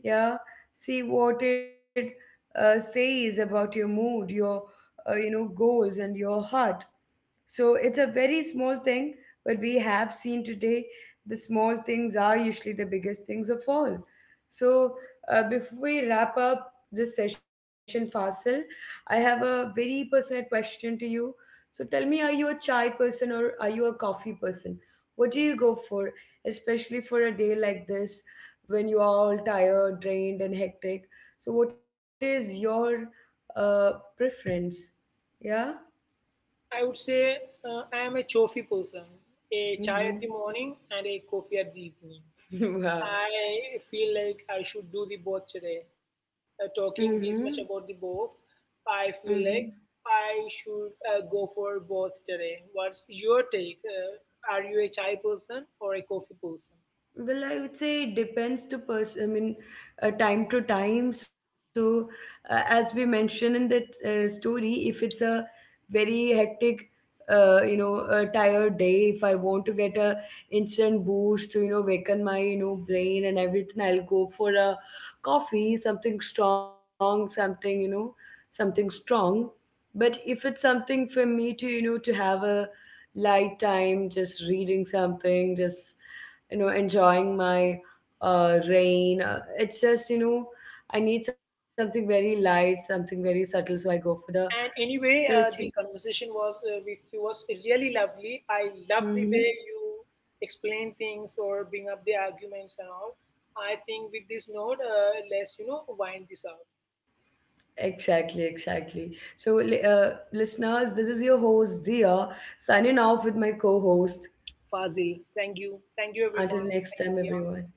Yeah. See what it says about your mood, your goals, and your heart. So it's a very small thing, but we have seen today the small things are usually the biggest things of all. So before we wrap up this session, Fasil, I have a very personal question to you. So tell me, are you a chai person, or are you a coffee person? What do you go for, especially for a day like this when you are all tired, drained, and hectic? So, what is your uh, preference? Yeah.
I would say I am a coffee person. A chai at the
Mm-hmm.
morning and a coffee at the evening.
Wow.
I feel like I should do the both today.
Mm-hmm.
Talking this much about the both. I feel
Mm-hmm.
like I should go for both today. What's your take? Are you a chai person or a coffee person?
Well, I would say it depends to person. I mean, time to time. So, as we mentioned in that story, if it's a very hectic, a tired day, if I want to get a instant boost to waken my brain and everything, I'll go for a coffee, something strong, something something strong. But if it's something for me to to have a light time, just reading something, just enjoying my rain, it's just I need something very light, something very subtle, so I go for the
And anyway,
searching.
the conversation was with you was really lovely. I love the way
Mm-hmm.
you explain things or bring up the arguments and all. I think with this note, let's wind this out.
Exactly, exactly. So listeners, this is your host Dia, signing off with my co-host.
Fazil, thank you
Until
everyone,
next
thank you
time,
Dia.
everyone.